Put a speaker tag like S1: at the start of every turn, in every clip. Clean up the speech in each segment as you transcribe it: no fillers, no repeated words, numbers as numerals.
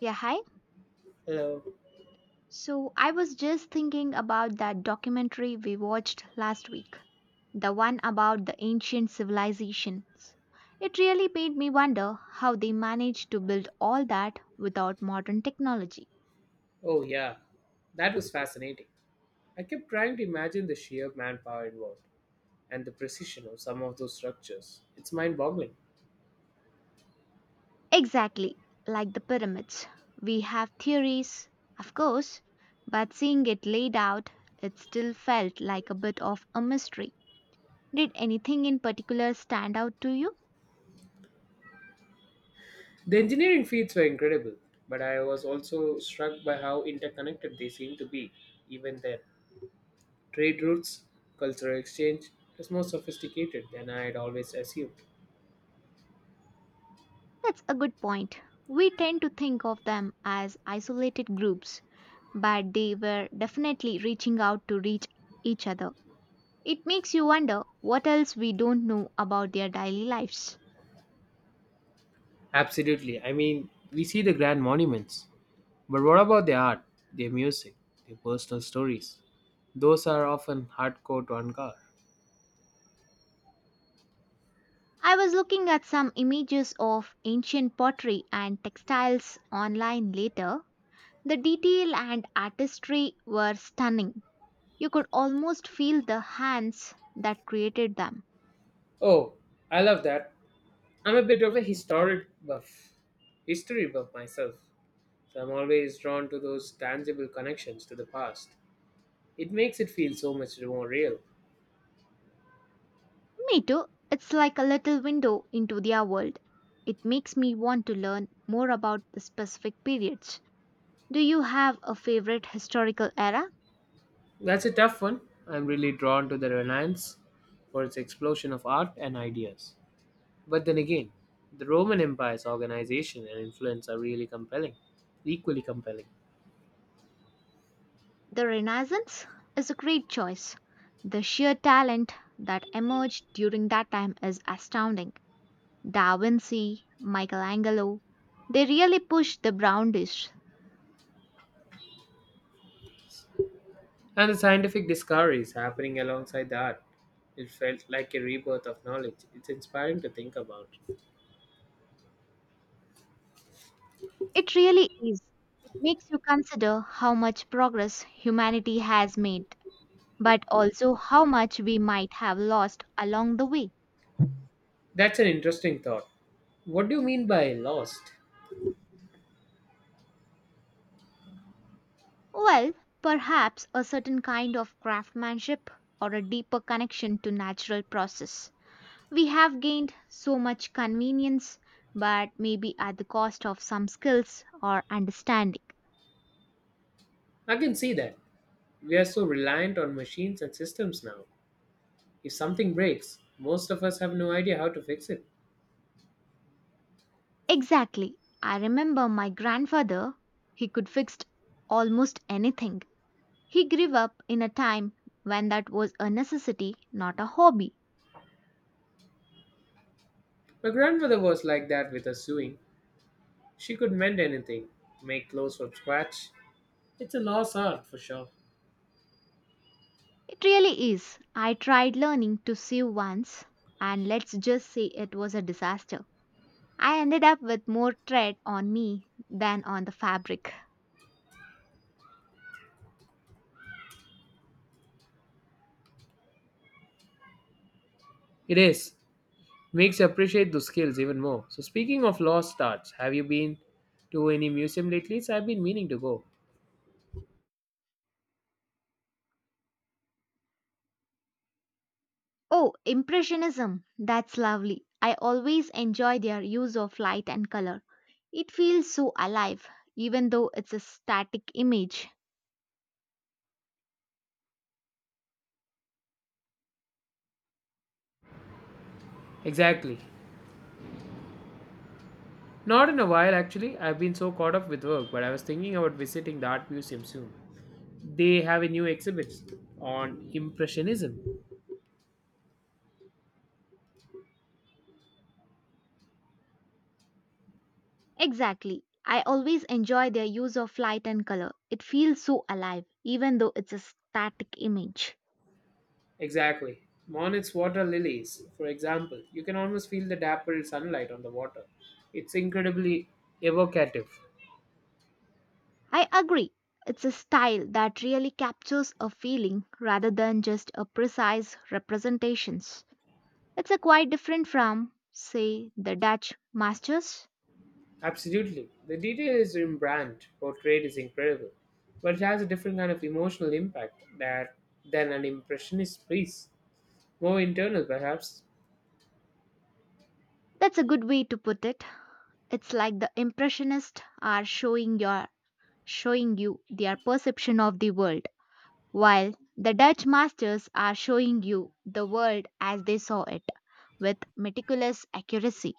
S1: Yeah, hi.
S2: Hello.
S1: So I was just thinking about that documentary we watched last week, the one about the ancient civilizations. It really made me wonder how they managed to build all that without modern technology.
S2: Oh, yeah. That was fascinating. I kept trying to imagine the sheer manpower involved and the precision of some of those structures. It's mind boggling.
S1: Exactly, like the pyramids. We have theories, of course, but seeing it laid out, it still felt like a bit of a mystery. Did anything in particular stand out to you?
S2: The engineering feats were incredible, but I was also struck by how interconnected they seem to be, even then. Trade routes, cultural exchange is more sophisticated than I had always assumed.
S1: That's a good point. We tend to think of them as isolated groups, but they were definitely reaching out to reach each other. It makes you wonder what else we don't know about their daily lives.
S2: Absolutely. I mean, we see the grand monuments, but what about their art, their music, their personal stories? Those are often hardcore to uncover.
S1: I was looking at some images of ancient pottery and textiles online later. The detail and artistry were stunning. You could almost feel the hands that created them.
S2: Oh, I love that. I'm a bit of a history buff myself, so I'm always drawn to those tangible connections to the past. It makes it feel so much more real.
S1: Me too. It's like a little window into their world. It makes me want to learn more about the specific periods. Do you have a favorite historical era?
S2: That's a tough one. I'm really drawn to the Renaissance for its explosion of art and ideas. But then again, the Roman Empire's organization and influence are really equally compelling.
S1: The Renaissance is a great choice. The sheer talent that emerged during that time is astounding. Da Vinci, Michelangelo, they really pushed the boundaries.
S2: And the scientific discoveries happening alongside the art. It felt like a rebirth of knowledge. It's inspiring to think about.
S1: It really is. It makes you consider how much progress humanity has made, but also how much we might have lost along the way.
S2: That's an interesting thought. What do you mean by lost?
S1: Well, perhaps a certain kind of craftsmanship or a deeper connection to natural process. We have gained so much convenience, but maybe at the cost of some skills or understanding.
S2: I can see that. We are so reliant on machines and systems now. If something breaks, most of us have no idea how to fix it.
S1: Exactly. I remember my grandfather, he could fix almost anything. He grew up in a time when that was a necessity, not a hobby.
S2: My grandmother was like that with her sewing. She could mend anything, make clothes from scratch. It's a lost art for sure.
S1: It really is. I tried learning to sew once, and let's just say it was a disaster. I ended up with more thread on me than on the fabric.
S2: It is. Makes you appreciate those skills even more. So, speaking of lost arts, have you been to any museum lately? So I've been meaning to go.
S1: Oh, Impressionism. That's lovely. I always enjoy their use of light and color. It feels so alive, even though it's a static image.
S2: Exactly. Not in a while, actually. I've been so caught up with work, but I was thinking about visiting the art museum soon. They have a new exhibit on Impressionism.
S1: Exactly. I always enjoy their use of light and color. It feels so alive, even though it's a static image.
S2: Exactly. Monet's water lilies, for example. You can almost feel the dappled sunlight on the water. It's incredibly evocative.
S1: I agree. It's a style that really captures a feeling rather than just a precise representations. It's a quite different from, say, the Dutch masters.
S2: Absolutely. The detail is in portrayed is incredible. But it has a different kind of emotional impact that than an impressionist piece. More internal, perhaps.
S1: That's a good way to put it. It's like the impressionists are showing you their perception of the world, while the Dutch masters are showing you the world as they saw it with meticulous accuracy.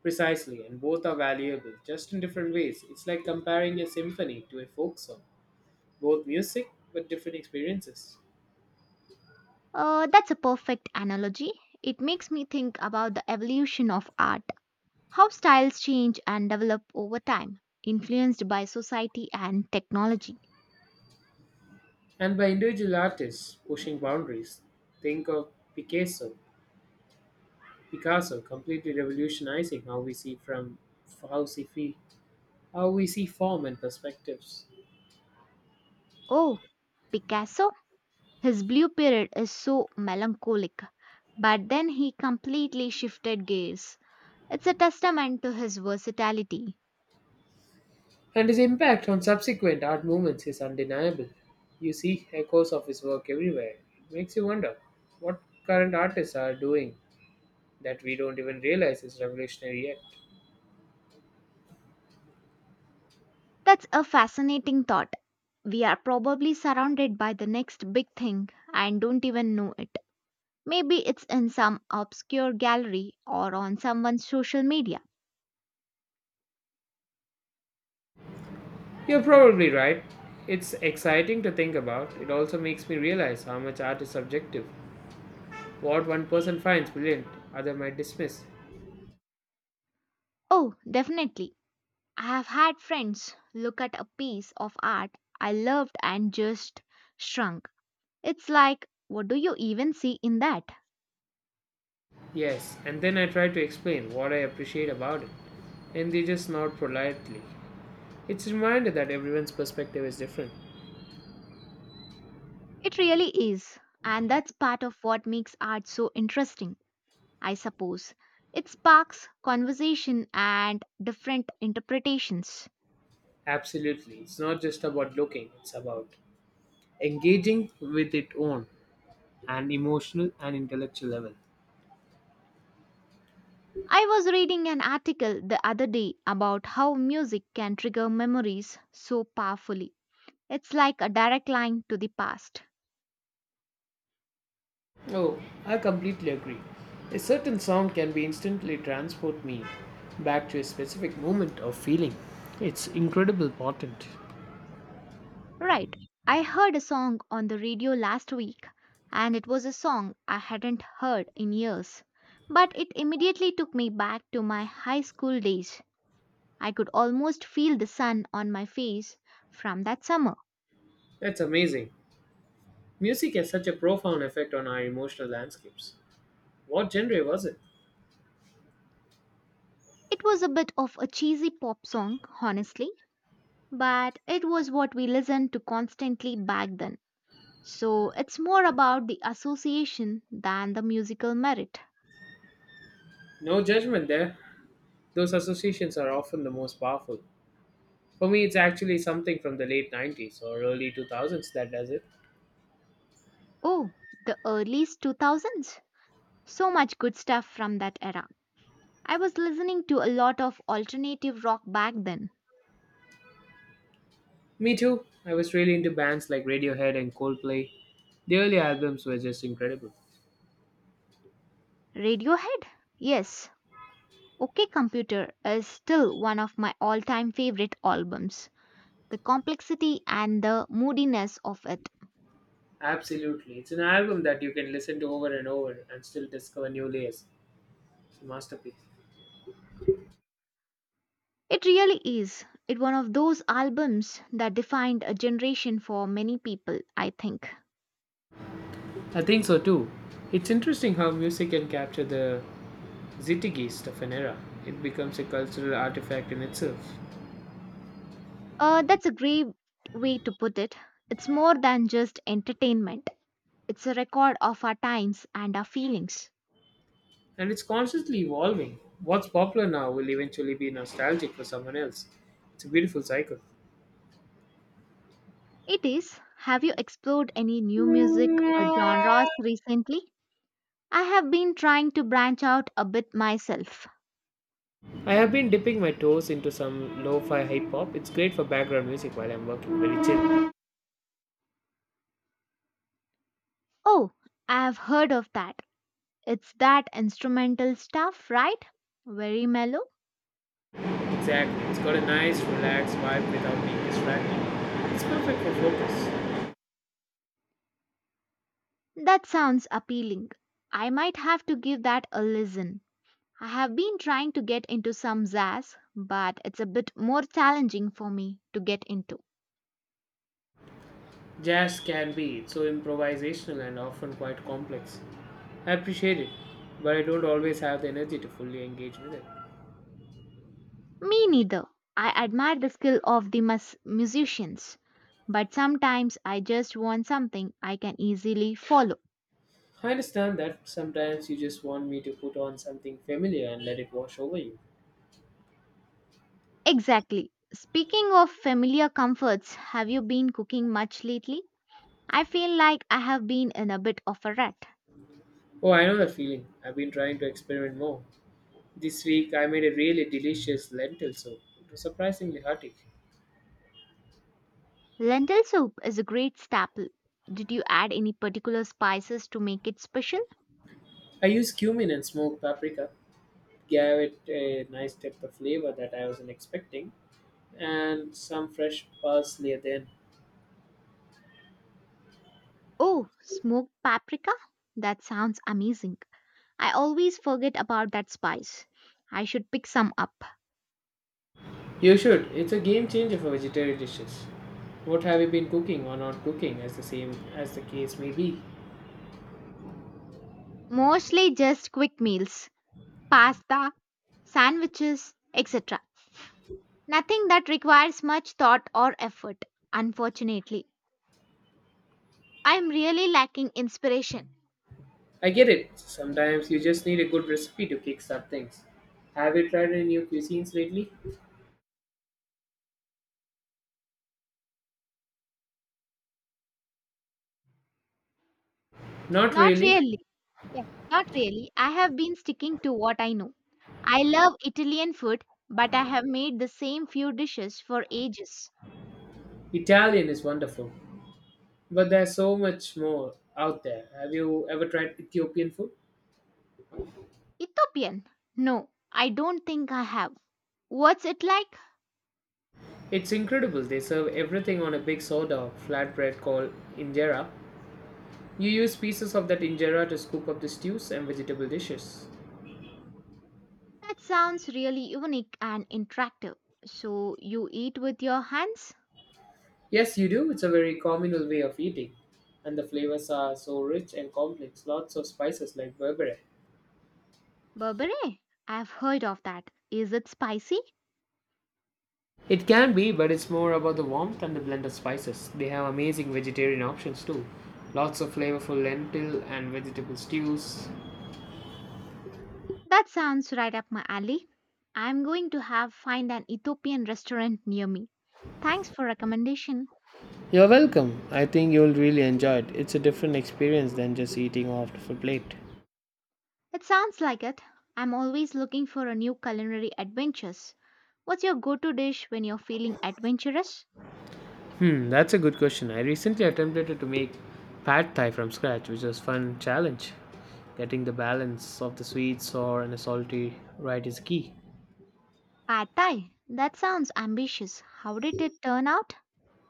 S2: Precisely, and both are valuable, just in different ways. It's like comparing a symphony to a folk song, both music but different experiences.
S1: That's a perfect analogy. It makes me think about the evolution of art, how styles change and develop over time, influenced by society and technology.
S2: And by individual artists pushing boundaries, think of Picasso. Picasso completely revolutionizing how we see from how we see how we see form and perspectives.
S1: Oh, Picasso, his blue period is so melancholic, but then he completely shifted gears. It's a testament to his versatility.
S2: And his impact on subsequent art movements is undeniable. You see echoes of his work everywhere. It makes you wonder what current artists are doing that we don't even realize is revolutionary yet.
S1: That's a fascinating thought. We are probably surrounded by the next big thing and don't even know it. Maybe it's in some obscure gallery or on someone's social media.
S2: You're probably right. It's exciting to think about. It also makes me realize how much art is subjective. What one person finds brilliant, other might dismiss.
S1: Oh, definitely. I have had friends look at a piece of art I loved and just shrunk. It's like, what do you even see in that?
S2: Yes, and then I try to explain what I appreciate about it, and they just nod politely. It's a reminder that everyone's perspective is different.
S1: It really is. And that's part of what makes art so interesting, I suppose. It sparks conversation and different interpretations.
S2: Absolutely. It's not just about looking, it's about engaging with it on an emotional and intellectual level.
S1: I was reading an article the other day about how music can trigger memories so powerfully. It's like a direct line to the past.
S2: Oh, I completely agree. A certain song can be instantly transport me back to a specific moment or feeling. It's incredible potent.
S1: Right. I heard a song on the radio last week, and it was a song I hadn't heard in years. But it immediately took me back to my high school days. I could almost feel the sun on my face from that summer.
S2: That's amazing. Music has such a profound effect on our emotional landscapes. What genre was it?
S1: It was a bit of a cheesy pop song, honestly, but it was what we listened to constantly back then. So it's more about the association than the musical merit.
S2: No judgment there. Those associations are often the most powerful. For me, it's actually something from the late 90s or early 2000s that does it.
S1: Oh, the early 2000s. So much good stuff from that era. I was listening to a lot of alternative rock back then.
S2: Me too. I was really into bands like Radiohead and Coldplay. The early albums were just incredible.
S1: Radiohead? Yes. OK Computer is still one of my all time favorite albums. The complexity and the moodiness of it.
S2: Absolutely. It's an album that you can listen to over and over and still discover new layers. It's a masterpiece.
S1: It really is. It's one of those albums that defined a generation for many people, I think.
S2: I think so too. It's interesting how music can capture the zeitgeist of an era. It becomes a cultural artifact in itself.
S1: That's a great way to put it. It's more than just entertainment, it's a record of our times and our feelings.
S2: And it's constantly evolving. What's popular now will eventually be nostalgic for someone else. It's a beautiful cycle.
S1: It is. Have you explored any new music genres recently? I have been trying to branch out a bit myself.
S2: I have been dipping my toes into some lo fi hip hop. It's great for background music while I'm working, very chill.
S1: Oh, I have heard of that. It's that instrumental stuff, right? Very mellow?
S2: Exactly. It's got a nice, relaxed vibe without being distracting. It's perfect for focus.
S1: That sounds appealing. I might have to give that a listen. I have been trying to get into some jazz, but it's a bit more challenging for me to get into.
S2: Jazz can be. It's so improvisational and often quite complex. I appreciate it, but I don't always have the energy to fully engage with it.
S1: Me neither. I admire the skill of the musicians, but sometimes I just want something I can easily follow.
S2: I understand that sometimes you just want me to put on something familiar and let it wash over you.
S1: Exactly. Speaking of familiar comforts, have you been cooking much lately? I feel like I have been in a bit of a rut.
S2: Oh, I know the feeling. I've been trying to experiment more. This week I made a really delicious lentil soup. It was surprisingly hearty.
S1: Lentil soup is a great staple. Did you add any particular spices to make it special?
S2: I used cumin and smoked paprika, gave it a nice depth of flavor that I wasn't expecting, and some fresh parsley at the end.
S1: Oh, smoked paprika? That sounds amazing. I always forget about that spice. I should pick some up.
S2: You should. It's a game changer for vegetarian dishes. What have you been cooking or not cooking, as the same as the case may be.
S1: Mostly just quick meals, pasta, sandwiches, etc. Nothing that requires much thought or effort, unfortunately. I am really lacking inspiration.
S2: I get it. Sometimes you just need a good recipe to kickstart things. Have you tried any new cuisines lately? Not
S1: Not
S2: really.
S1: really. Yeah, not really. I have been sticking to what I know. I love Italian food, but I have made the same few dishes for ages.
S2: Italian is wonderful, but there's so much more out there. Have you ever tried Ethiopian food?
S1: Ethiopian? No, I don't think I have. What's it like?
S2: It's incredible. They serve everything on a big soda flatbread called injera. You use pieces of that injera to scoop up the stews and vegetable dishes.
S1: That sounds really unique and interactive. So you eat with your hands?
S2: Yes, you do. It's a very communal way of eating. And the flavors are so rich and complex. Lots of spices like berbere.
S1: Berbere? I've heard of that. Is it spicy?
S2: It can be, but it's more about the warmth and the blend of spices. They have amazing vegetarian options too. Lots of flavorful lentil and vegetable stews.
S1: That sounds right up my alley. I'm going to have find an Ethiopian restaurant near me. Thanks for recommendation.
S2: You're welcome. I think you'll really enjoy it. It's a different experience than just eating off of a plate.
S1: It sounds like it. I'm always looking for a new culinary adventures. What's your go-to dish when you're feeling adventurous?
S2: Hmm, that's a good question. I recently attempted to make pad thai from scratch, which was fun challenge. Getting the balance of the sweet, sour, and salty right is key.
S1: Pad Thai? That sounds ambitious. How did it turn out?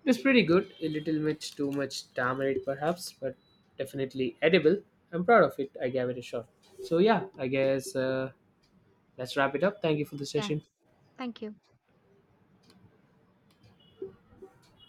S2: It's pretty good. A little much, too much tamarind perhaps, but definitely edible. I'm proud of it. I gave it a shot. So yeah, I guess let's wrap it up. Thank you for the
S1: Yeah,
S2: session.
S1: thank you.